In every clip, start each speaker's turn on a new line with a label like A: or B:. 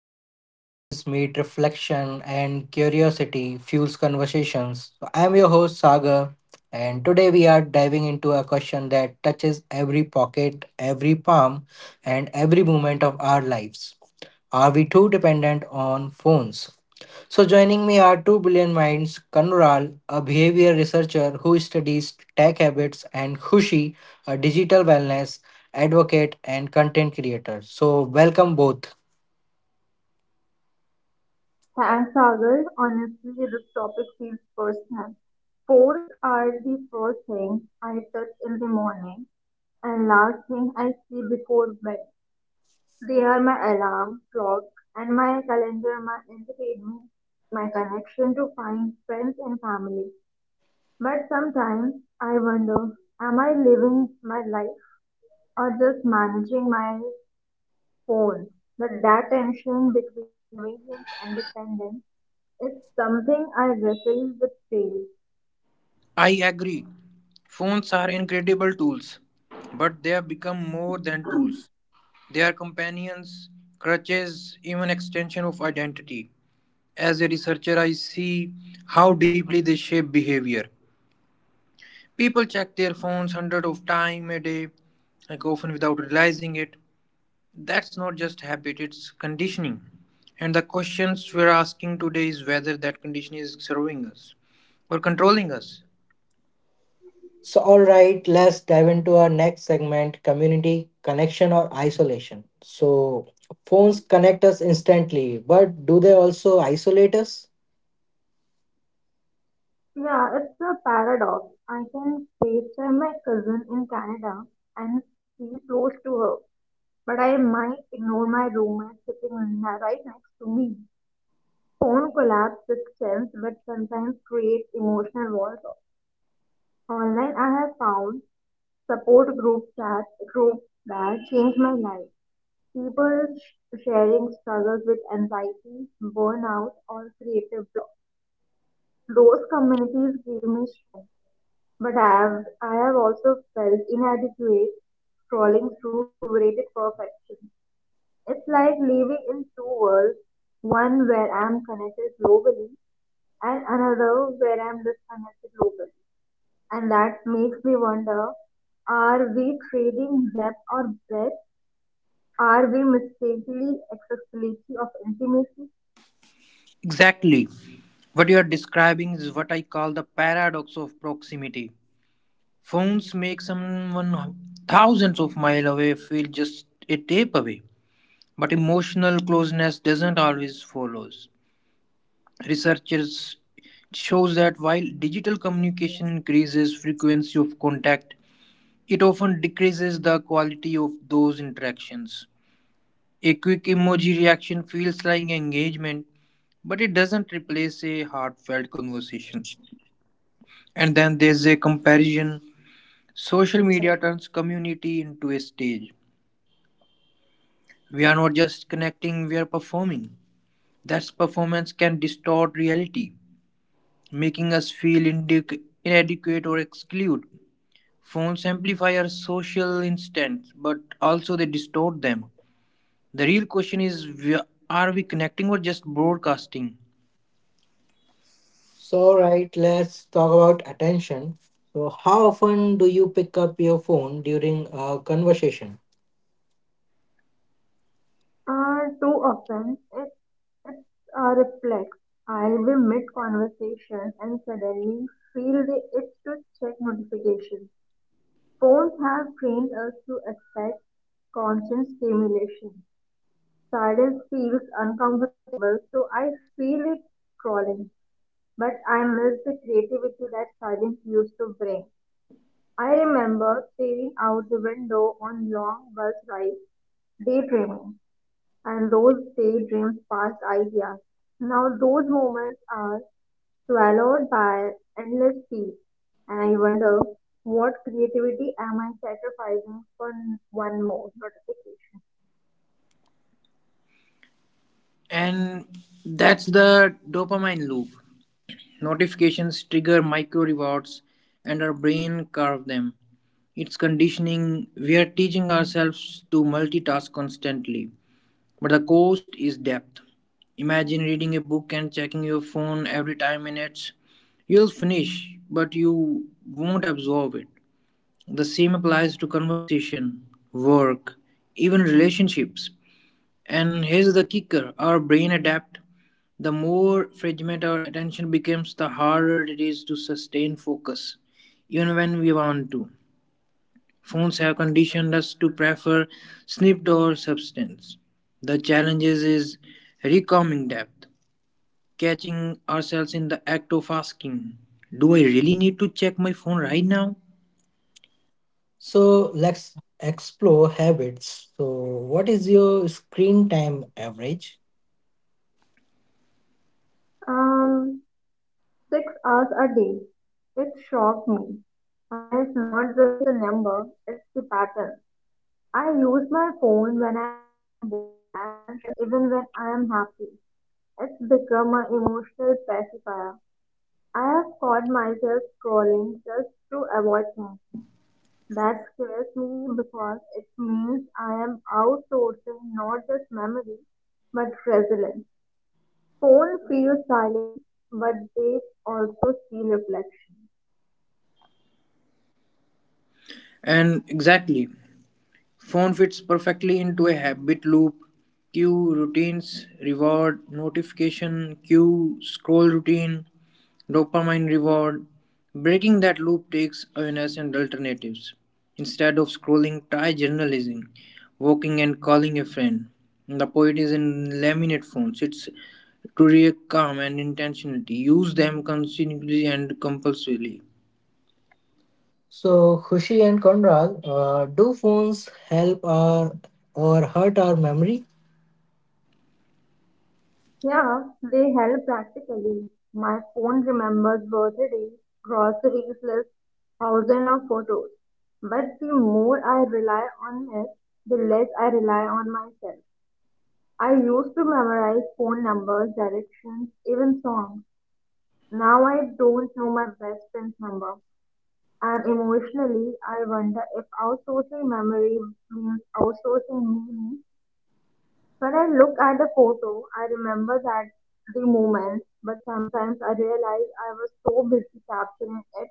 A: where stories meet reflection and curiosity fuels conversations. I'm your host, Sagar, and today we are diving into a question that touches every pocket, every palm, and every moment of our lives. Are we too dependent on phones? Joining me are two brilliant minds Kanural, a behavior researcher who studies tech habits, and Khushi, a digital wellness advocate and content creator. Welcome both.
B: Thanks, Sagar. Honestly, this topic feels personal. Sports are the first thing I touch in the morning and last thing I see before bed. They are my alarm clock and my calendar, my entertainment, my connection to find friends and family. But sometimes I wonder, am I living my life or just managing my phone, but that tension between convenience and dependence is something I wrestle with daily.
C: I agree. Phones are incredible tools, but they have become more than tools. They are companions, crutches, even extension of identity. As a researcher, I see how deeply they shape behavior. People check their phones hundreds of times a day, like often without realizing it. That's not just habit, it's conditioning. And the questions we're asking today is whether that conditioning is serving us or controlling us.
A: All right, let's dive into our next segment community connection or isolation. Phones connect us instantly, but do they also isolate us?
B: Yeah, it's a paradox. I can FaceTime my cousin in Canada and feel close to her, but I might ignore my roommate sitting right next to me. Phone collapse distance, but sometimes creates emotional walls. Online, I have found support group that changed my life. People sharing struggles with anxiety, burnout, or creative block. Those communities gave me strength, but I have also felt inadequate scrolling through curated perfection. It's like living in two worlds, one where I'm connected globally and another where I'm disconnected locally, and that makes me wonder, are we trading depth or breadth? Are we mistakenly accessibility of intimacy?
C: Exactly. What you are describing is what I call the paradox of proximity. Phones make someone thousands of miles away feel just a tape away, but emotional closeness doesn't always follow. Researchers shows that while digital communication increases frequency of contact, it often decreases the quality of those interactions. A quick emoji reaction feels like engagement, but it doesn't replace a heartfelt conversation. And then there's a comparison. Social media turns community into a stage. We are not just connecting, we are performing. That performance can distort reality, making us feel inadequate or exclude. Phones amplify our social instincts, but also they distort them. The real question is we- Are we connecting or just broadcasting?
A: All right, let's talk about attention. How often do you pick up your phone during a conversation?
B: Are too often, it's a reflex. I'll be mid conversation and suddenly feel the itch to check notifications. Phones have trained us to expect constant stimulation. Silence feels uncomfortable, so I feel it crawling. But I miss the creativity that silence used to bring. I remember staring out the window on long bus rides, daydreaming, and those daydreams passed ideas. Now those moments are swallowed by endless feeds, and I wonder, what creativity am I sacrificing for one more notification?
C: And that's the dopamine loop. Notifications trigger micro rewards, and our brain carves them. It's conditioning. We are teaching ourselves to multitask constantly, but the cost is depth. Imagine reading a book and checking your phone every 10 minutes. You'll finish, but you won't absorb it. The same applies to conversation, work, even relationships. And here's the kicker, our brain adapt. The more fragmented our attention becomes, the harder it is to sustain focus, even when we want to. Phones have conditioned us to prefer snipped or substance. The challenge is recalming depth, catching ourselves in the act of asking, do I really need to check my phone right now?
A: Let's explore habits. What is your screen time average?
B: Um, 6 hours a day. It shocked me. And it's not just the number, it's the pattern. I use my phone when I'm bored, anxious, even when I am happy. It's become an emotional pacifier. I have caught myself scrolling just to avoid thinking. That scares me because it means I am outsourcing not just memory but resilience. Phone feels silent, but they also see reflection.
C: And exactly, phone fits perfectly into a habit loop. Cue routines, reward, notification, cue, scroll routine, dopamine reward. Breaking that loop takes awareness and alternatives. Instead of scrolling, try journalizing, walking, and calling a friend. The poet is in laminate forms. It's to react calm and intentionality. Use them continuously and compulsively.
A: Khushi and Conrad, do phones help our or hurt our memory?
B: Yeah, they help practically. My phone remembers birthdays, groceries lists, thousands of photos. But the more I rely on it, the less I rely on myself. I used to memorize phone numbers, directions, even songs. Now I don't know my best friend's number. And emotionally, I wonder if outsourcing memory means outsourcing me. When I look at the photo, I remember that the moment, but sometimes I realize I was so busy capturing it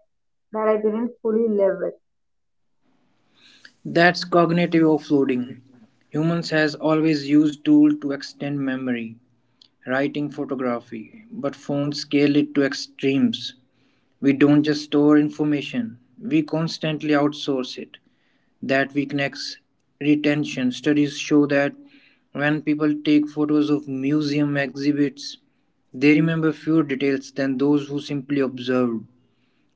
B: that I didn't fully live it.
C: That's cognitive offloading. Humans has always used tool to extend memory, writing photography, but phones scale it to extremes. We don't just store information, we constantly outsource it. That weakens retention. Studies show that when people take photos of museum exhibits, they remember fewer details than those who simply observed.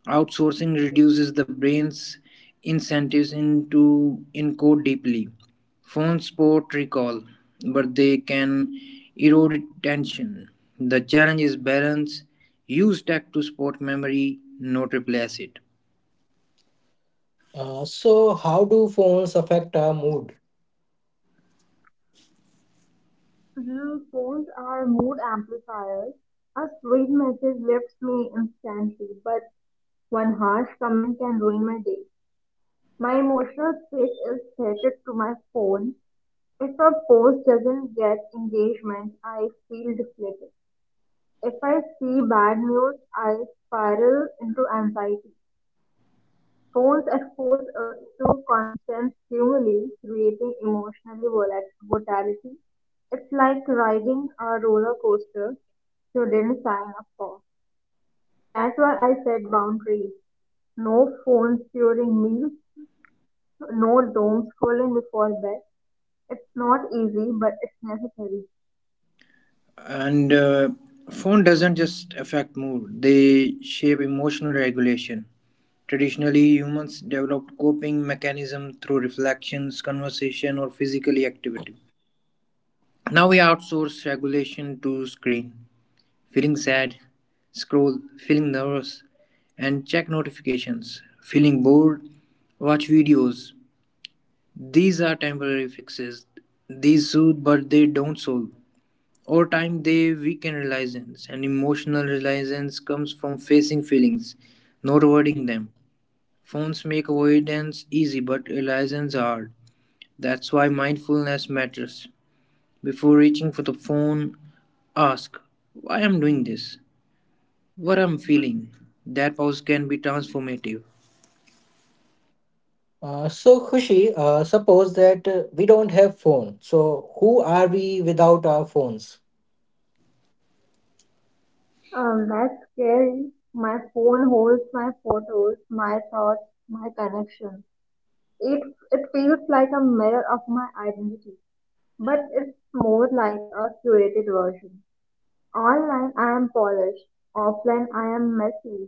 C: Outsourcing reduces the brain's incentives into encode deeply. Phones support recall, but they can erode attention. The challenge is balance. Use tech to support memory, not replace it.
A: How do phones affect our mood?
B: Mhm. Phones are mood amplifiers. A sweet message lifts me instantly, but one harsh comment can ruin my day. My emotional state is tethered to my phone. If a post doesn't get engagement, I feel deflated. If I see bad news, I spiral into anxiety. Phones expose us to constant stimuli, creating emotionally volatility. It's like riding a roller coaster shouldn't sign up for. That's why I set boundaries. No phones during meals, no doom scrolling before bed. It's not easy, but it's necessary.
C: And Phone doesn't just affect mood; they shape emotional regulation. Traditionally, humans developed coping mechanism through reflections, conversation, or physical activity. Now we outsource regulation to screen, feeling sad, scroll, feeling nervous, and check notifications, feeling bored, watch videos. These are temporary fixes. These soothe but they don't solve. Over time they weaken resilience, and emotional resilience comes from facing feelings, not avoiding them. Phones make avoidance easy but resilience hard. That's why mindfulness matters. Before reaching for the phone, ask why I'm doing this, what I'm feeling. That pause can be transformative.
A: Khushi, suppose that we don't have phone. So, who are we without our phones?
B: That's scary. My phone holds my photos, my thoughts, my connections. It it feels like a mirror of my identity, but it's more like a curated version. Online I am polished, offline I am messy.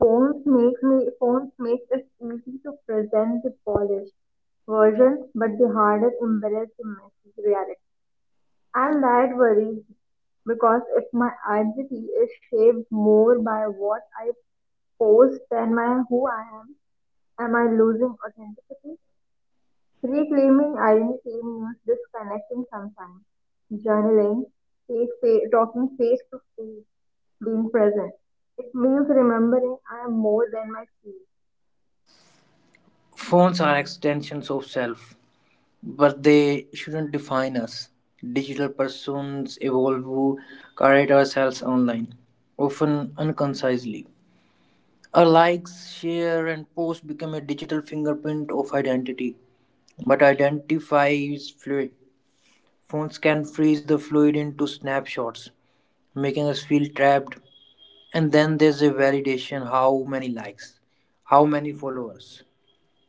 B: Phones make it easy to present the polished version, but the hardest embrace the messy reality. And that worries me, because if my identity is shaped more by what I post than my who I am I losing authenticity? Reclaiming identity means disconnecting sometimes, journaling, talking face to face, being present. It means remembering I am more than my feet.
C: Phones are extensions of self, but they shouldn't define us. Digital persons evolve who carry ourselves online, often unconcisely. Our likes, share, and post become a digital fingerprint of identity, but identity is fluid. Phones can freeze the fluid into snapshots, making us feel trapped. And then there's a validation, how many likes, how many followers.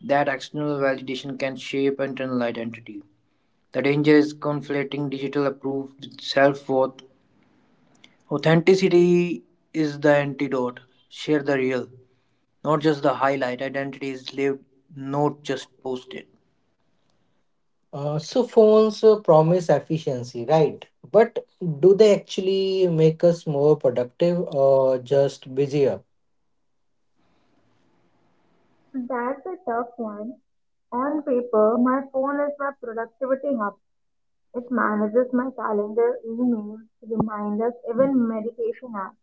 C: That external validation can shape internal identity. The danger is conflating digital approval with self worth. Authenticity is the antidote. Share the real, not just the highlight. Identity is lived, not just posted.
A: Phones promise efficiency, right? But do they actually make us more productive or just busier?
B: That's a tough one. On paper, my phone is my productivity hub. It manages my calendar, emails, reminders, even meditation apps.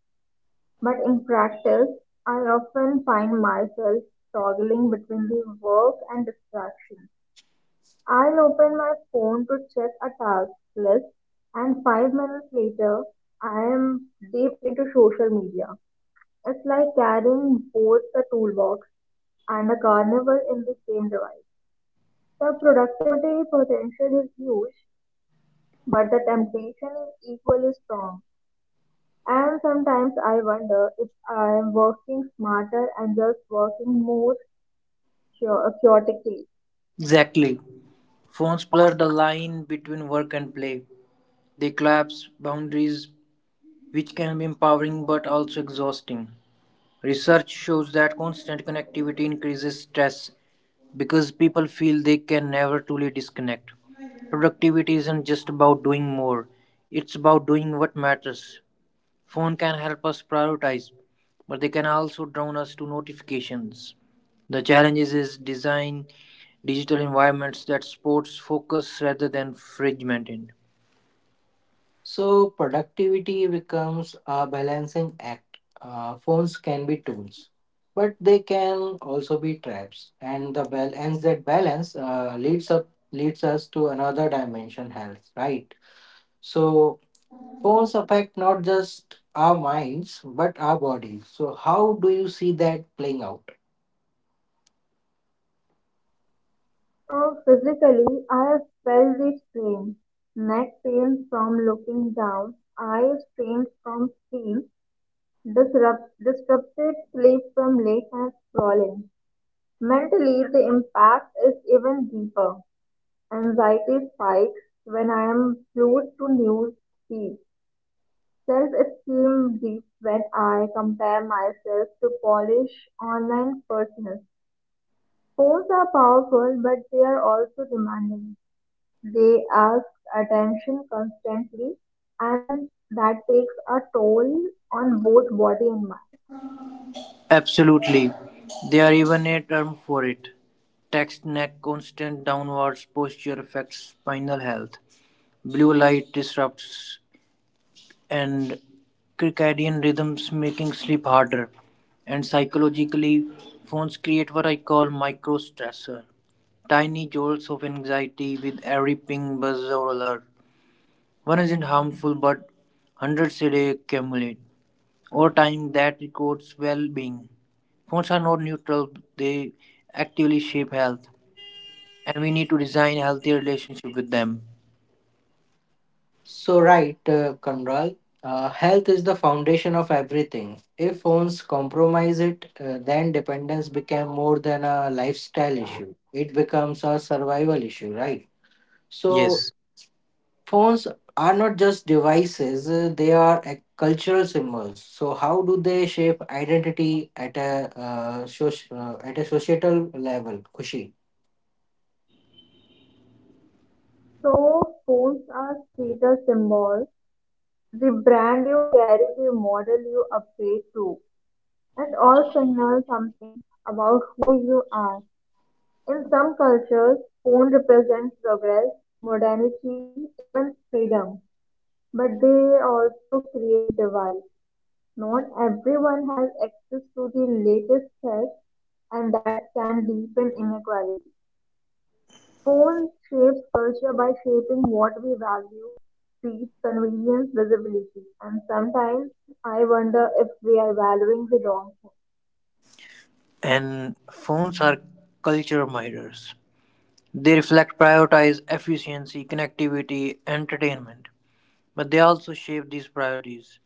B: But in practice, I often find myself toggling between the work and distraction. I'll open my phone to check a task list, and 5 minutes later, I am deep into social media. It's like carrying both the toolbox and a carnival in the same device. The productivity potential is huge, but the temptation is equally strong, and sometimes I wonder if I am working smarter and just working more chaotically.
C: Exactly. Phones blur the line between work and play. They collapse boundaries, which can be empowering but also exhausting. Research shows that constant connectivity increases stress because people feel they can never truly disconnect. Productivity isn't just about doing more, it's about doing what matters. Phone can help us prioritize, but they can also drown us to notifications. The challenges is design digital environments that supports focus rather than fragmented.
A: So, productivity becomes a balancing act. Phones can be tools, but they can also be traps. And the balance that balance leads us to another dimension, health. Right. So, phones affect not just our minds but our bodies. So, how do you see that playing out?
B: Physically, I have felt the strain. Neck pain from looking down, eye strain from screen, disrupted sleep from late night scrolling. Mentally, the impact is even deeper. Anxiety spikes when I am glued to news feed. Self-esteem dips when I compare myself to Polish online personas. Phones are powerful, but they are also demanding. They ask attention constantly, and that takes a toll on both body and mind.
C: Absolutely. There are even a term for it. Text neck, constant downwards posture affects spinal health. Blue light disrupts and circadian rhythms making sleep harder. And psychologically, phones create what I call micro stressor. Tiny jolts of anxiety with every ping, buzz or alert. One isn't harmful but hundreds a day accumulate. Over time that records well being. Phones are not neutral, they actively shape health, and we need to design a healthier relationship with them.
A: Conrad, health is the foundation of everything. If phones compromise it, then dependence became more than a lifestyle issue. It becomes a survival issue, right?
C: Yes,
A: So, phones are not just devices, they are a cultural symbols. So, how do they shape identity at at a societal level? Kushi.
B: So, phones are status symbols. The brand you carry, the model you upgrade to, and all signal something about who you are. In some cultures, pawn represents progress, modernity, even freedom, but they also create divides. Not everyone has access to the latest tech, and that can deepen inequality. Pawn shapes culture by shaping what we value, speed, convenience, visibility, and sometimes I wonder if we are valuing the wrong thing.
C: and phones are culture mirrors. They reflect prioritize efficiency, connectivity, entertainment, but they also shape these priorities.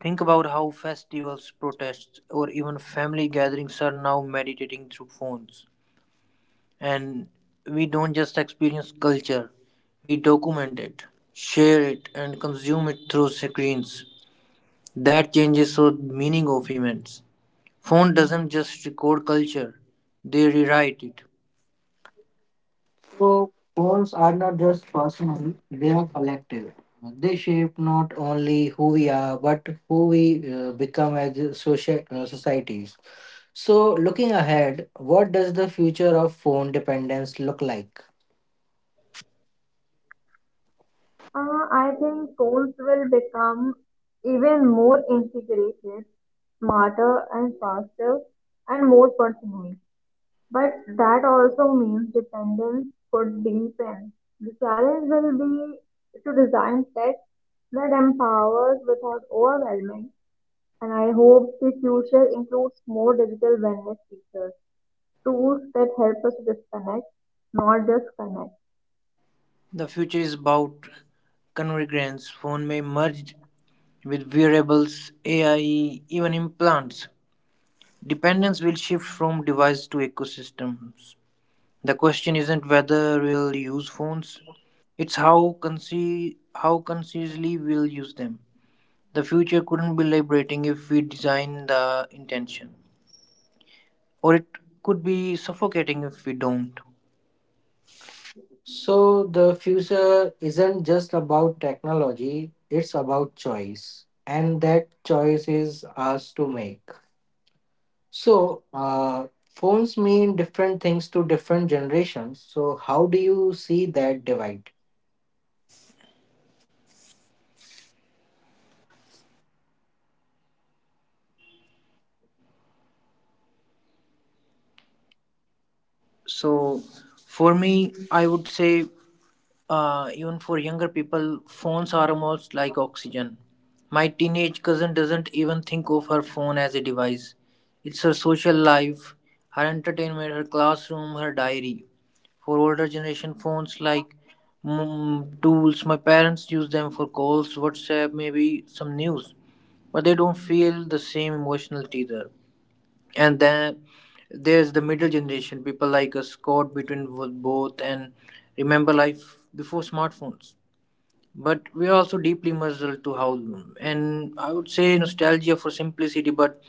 C: Think about how festivals, protests, or even family gatherings are now meditating through phones. And we don't just experience culture, we document it, share it, and consume it through screens. That changes the meaning of events. Phone doesn't just record culture, they rewrite it.
A: So, goals are not just personal, they are collective. They shape not only who we are, but who we become as a social societies. So, looking ahead, what does the future of phone dependence look like?
B: I think tools will become even more integrated, smarter and faster and more personal. But that also means dependence could deepen. The challenge will be to design tech that empowers without overwhelming. And I hope the future includes more digital wellness features, tools that help us to disconnect, not just connect.
C: The future is about convergence. Phone may merge with wearables, AI, even implants. Dependence will shift from device to ecosystems. The question isn't whether we'll use phones, it's how, how consciously we'll use them. The future couldn't be liberating if we design the intention, or it could be suffocating if we don't.
A: So, the future isn't just about technology, it's about choice, and that choice is ours to make. So, uh, Phones mean different things to different generations. So, how do you see that divide?
C: So for me, I would say even for younger people, phones are almost like oxygen. My teenage cousin doesn't even think of her phone as a device. It's her social life, her entertainment, her classroom, her diary. For older generation phones like tools, my parents use them for calls, WhatsApp, maybe some news, but they don't feel the same emotional teether. And then there's the middle
B: So,
C: generation, people
B: Sagar,
C: like us caught between both, and remember life before smartphones, but we are also deeply muzzled to how. And I would say nostalgia for simplicity but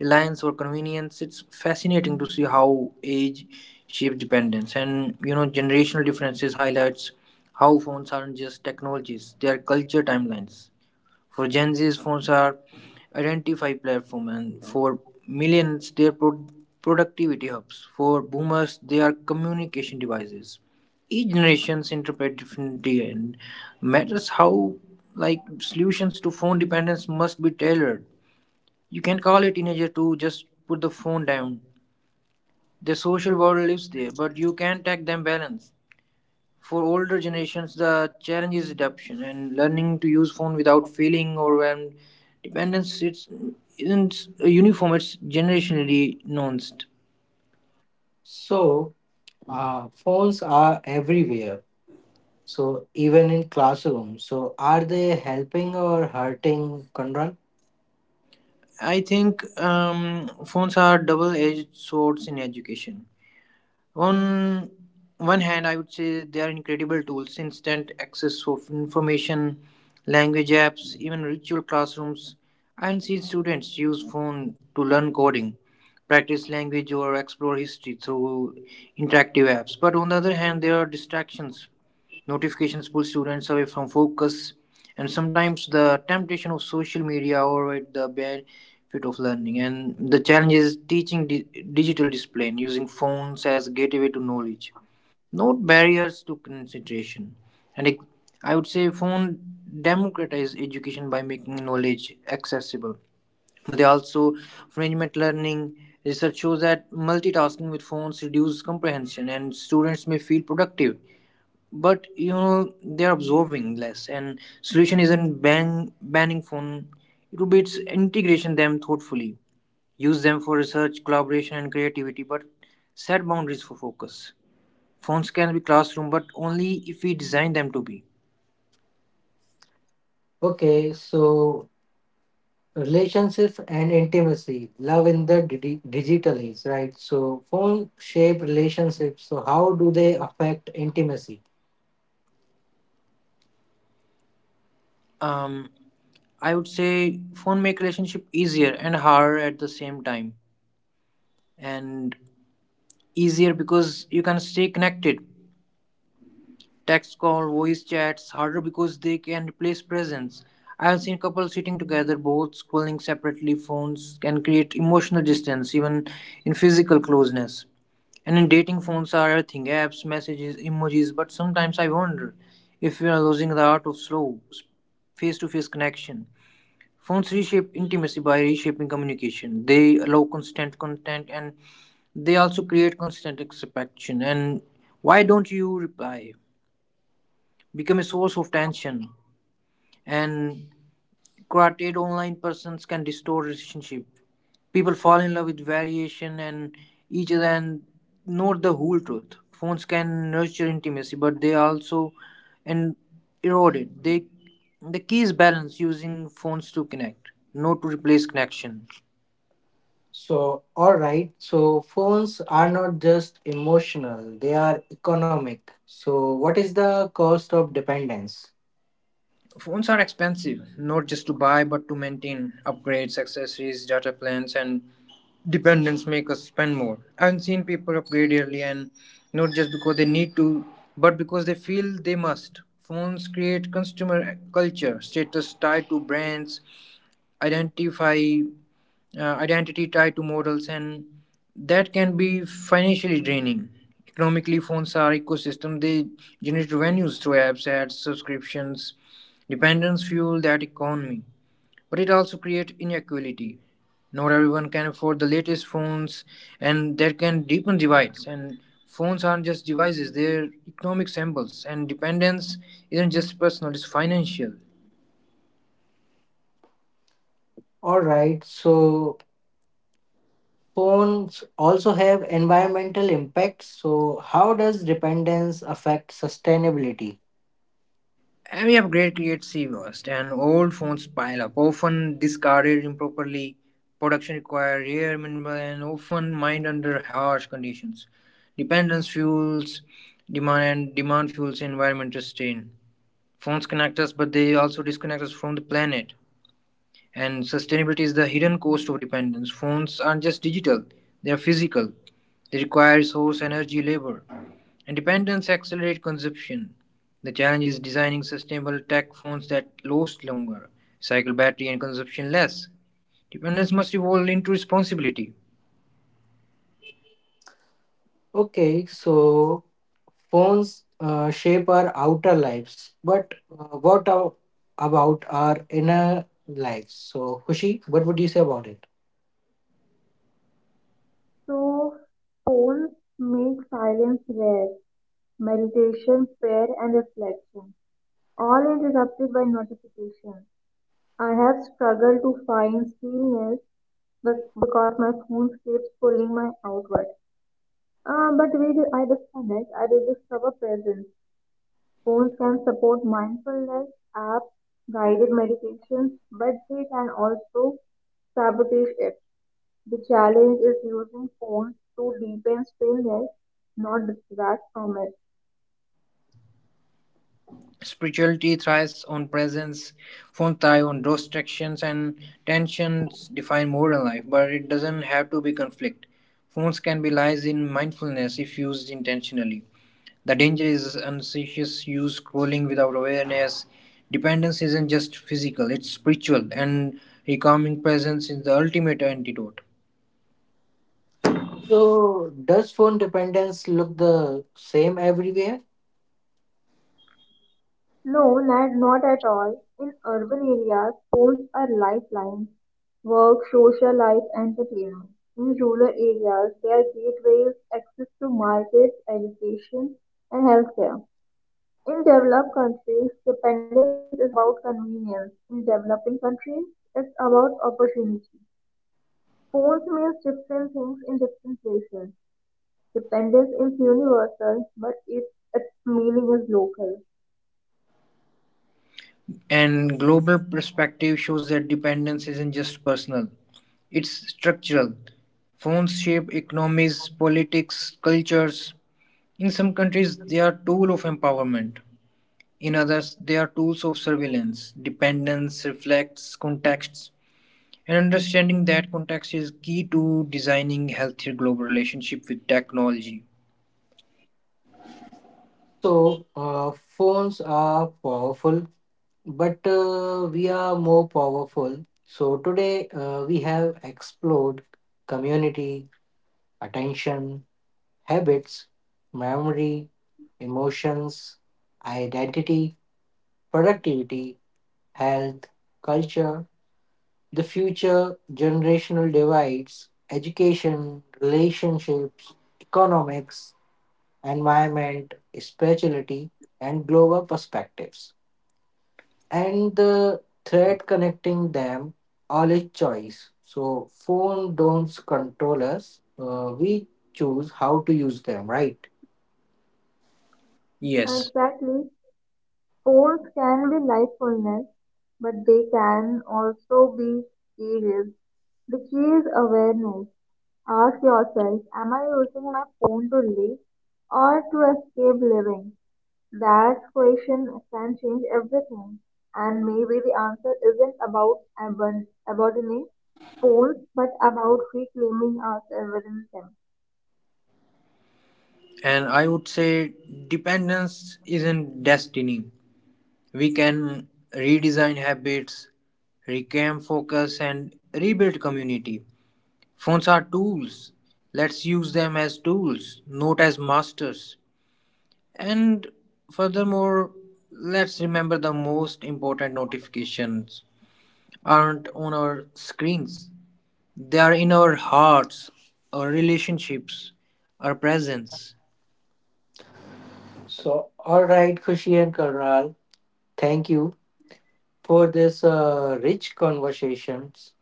C: reliance for convenience. It's fascinating to see how age shapes dependence, and you know generational differences highlights how phones aren't just technologies, they are culture timelines. For Gen Zs, phones are identify platform, and for millions, they are productivity hubs. For boomers, they are communication devices. Each generations interpret differently, and matters how like solutions to phone dependence must be tailored. You can call a teenager to just put the phone down.
B: Sagar,
C: Their social world lives there, but you can not tag them balance. For older generations, the challenge is adaptation and learning to use phone without feeling overwhelmed. Dependence it's isn't uniform; it's generationally nuanced.
A: So, Phones are everywhere. So, even in classrooms. So, are they helping or hurting, Conrad?
C: I think phones are double-edged swords in education. On one hand, I would say they are incredible tools, instant access of information, language apps, even virtual classrooms. And see students use phone to learn coding, practice language, or explore history through interactive apps. But on the other hand, there are distractions. Notifications pull students away from focus, and sometimes the temptation of social media overrides the benefit of learning. And the challenge is teaching digital discipline, using phones as gateway to knowledge, not barriers to concentration. And it, I would say phone democratize education by making knowledge accessible. But they also fringement learning. Research shows that multitasking with phones reduces comprehension, and students may feel productive, but you know they're observing less, and solution isn't banning phone, it would be its integration them thoughtfully. Use them for research collaboration and creativity but set boundaries for focus. Phones can be classroom but only if we design them to be.
A: Okay, so relationships and intimacy, love in the digital age, right? So, phone shape relationships. So, how do they affect intimacy?
C: Um, i would say phone make relationship easier and harder at the same time, and easier because you can stay connected. Text call, voice chats harder because they can replace presence. I've seen couples sitting together, both scrolling separately. Phones can create emotional distance, even in physical closeness. And in dating, phones are everything, apps, messages, emojis. But sometimes I wonder if we are losing the art of slow, face to face connection. Phones reshape intimacy by reshaping communication. They allow constant content, and they also create constant expectation. And why don't you reply? Become a source of tension, and created online persons can distort relationship. People fall in love with variation and each other and not the whole truth. Phones can nurture intimacy but they also and erode it. They, the key is balance, using phones to connect not to replace connection.
A: So, all right. So, phones are not just emotional, they are economic. So, what is the cost of dependence?
C: Phones are expensive, not just to buy but to maintain. Upgrades, accessories, data plans, and dependence make us spend more. I've seen people upgrade early and not just because they need to, but because they feel they must. Phones create consumer culture, status tied to brands, identify identity tied to models, and that can be financially draining. Economically, phones are ecosystem. They generate revenues through apps, ads, subscriptions. Dependence fuel that economy, but it also creates inequality. Not everyone can afford the latest phones, and that can deepen divides. And phones aren't just devices; they're economic symbols. And dependence isn't just personal; it's financial.
A: All right. So, phones also have environmental impacts. So, how does dependence affect sustainability?
C: Every upgrade creates sea waste, and old phones pile up, often discarded improperly. Production requires rare mineral and often mined under harsh conditions. Dependence fuels demand, and demand fuels environmental strain. Phones connect us, but they also disconnect us from the planet. And sustainability is the hidden cost of dependence. Phones aren't just digital; they are physical. They require resource, energy, labor. Dependence accelerates consumption. The challenge is designing sustainable tech, phones that last longer, cycle battery and consumption less. Dependence must evolve into responsibility.
A: Okay. So, phones shape our outer lives, but about our inner lives? So, Hushi, what would you say about it?
B: so Paul make silence rare, meditation, prayer, and reflection, all interrupted by notifications. I have struggled to find stillness but because my phone keeps pulling my outward. But when I disconnect, I rediscover presence. Phones can support mindfulness, apps, guided meditations, but they can also sabotage it. The challenge is using phones to deepen stillness, not distract from it.
C: Spirituality thrives on presence, phones thrive on distractions, and tensions define modern life, but it doesn't have to be conflict. Phones can be lies in mindfulness if used intentionally. The danger is unconscious use, scrolling without awareness. Dependence isn't just physical, it's spiritual, and recalming presence is the ultimate antidote.
A: So, does phone dependence look the same everywhere?
B: No, not at all. In urban areas, phones are lifelines, work, social life, entertainment. In rural areas, they are gateways, access to markets, education, and healthcare. In developed countries, dependence is about convenience. In developing countries, it's about opportunity. Phones means different things in different places. Dependence is universal, but its meaning is local.
C: And global perspective shows that dependence isn't just personal, it's structural. Phones shape economies, politics, cultures. In some countries, they are tools of empowerment. In others, they are tools of surveillance. Dependence reflects contexts. And understanding that context is key to designing healthier global relationship with technology.
A: So, uh, Phones are powerful, but we are more powerful. So, today we have explored community, attention, habits, memory, emotions, identity, productivity, health, culture, the future, generational divides, education, relationships, economics environment, spirituality, and global perspectives. And the thread connecting them all is choice. So phone don't control us. We choose how to use them, right?
B: And
C: Yes,
B: exactly. Sports can be mindfulness, but they can also be serious. The key is awareness. Ask yourself, am I using my phone to live or to escape living? That question can change everything. And maybe the answer isn't about abandoning phones, but about reclaiming ourselves within them.
C: and I would say dependence isn't destiny. We can redesign habits, reclaim focus, and rebuild community. Phones are tools. Let's use them as tools, not as masters. And furthermore, let's remember the most important notifications aren't on our screens. They are in our hearts, our relationships, our presence.
A: So all right, Khushi and Karnal, thank you for this rich conversations.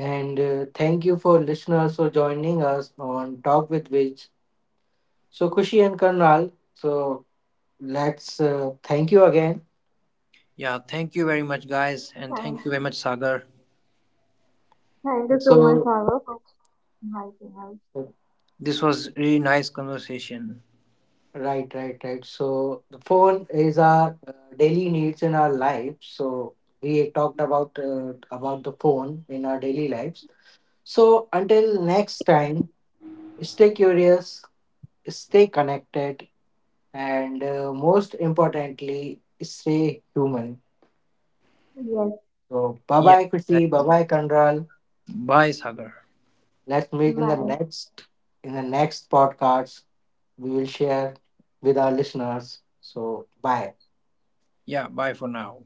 A: And thank you for listeners for joining us on Talk with Which. So Khushi and Karnal, so let's thank you again.
C: Yeah, thank you very much, guys, and
B: Thank
C: thank you very much, Sagar.
B: Thank you so much,
A: So
B: Sarah, for inviting us.
C: This was really nice conversation.
A: right, right, right. So the phone is our daily needs in our life. So we talked about the phone in our daily lives. So until next time, stay curious, stay connected, and most importantly, stay human.
B: Yes,
A: So bye
C: Yeah,
A: bye,
C: that-
A: Kushi. Bye bye, Kandral.
C: bye, Sagar.
A: Let's meet in the
B: my
A: next podcast. We will share with our listeners. So bye.
C: Yeah, bye for now.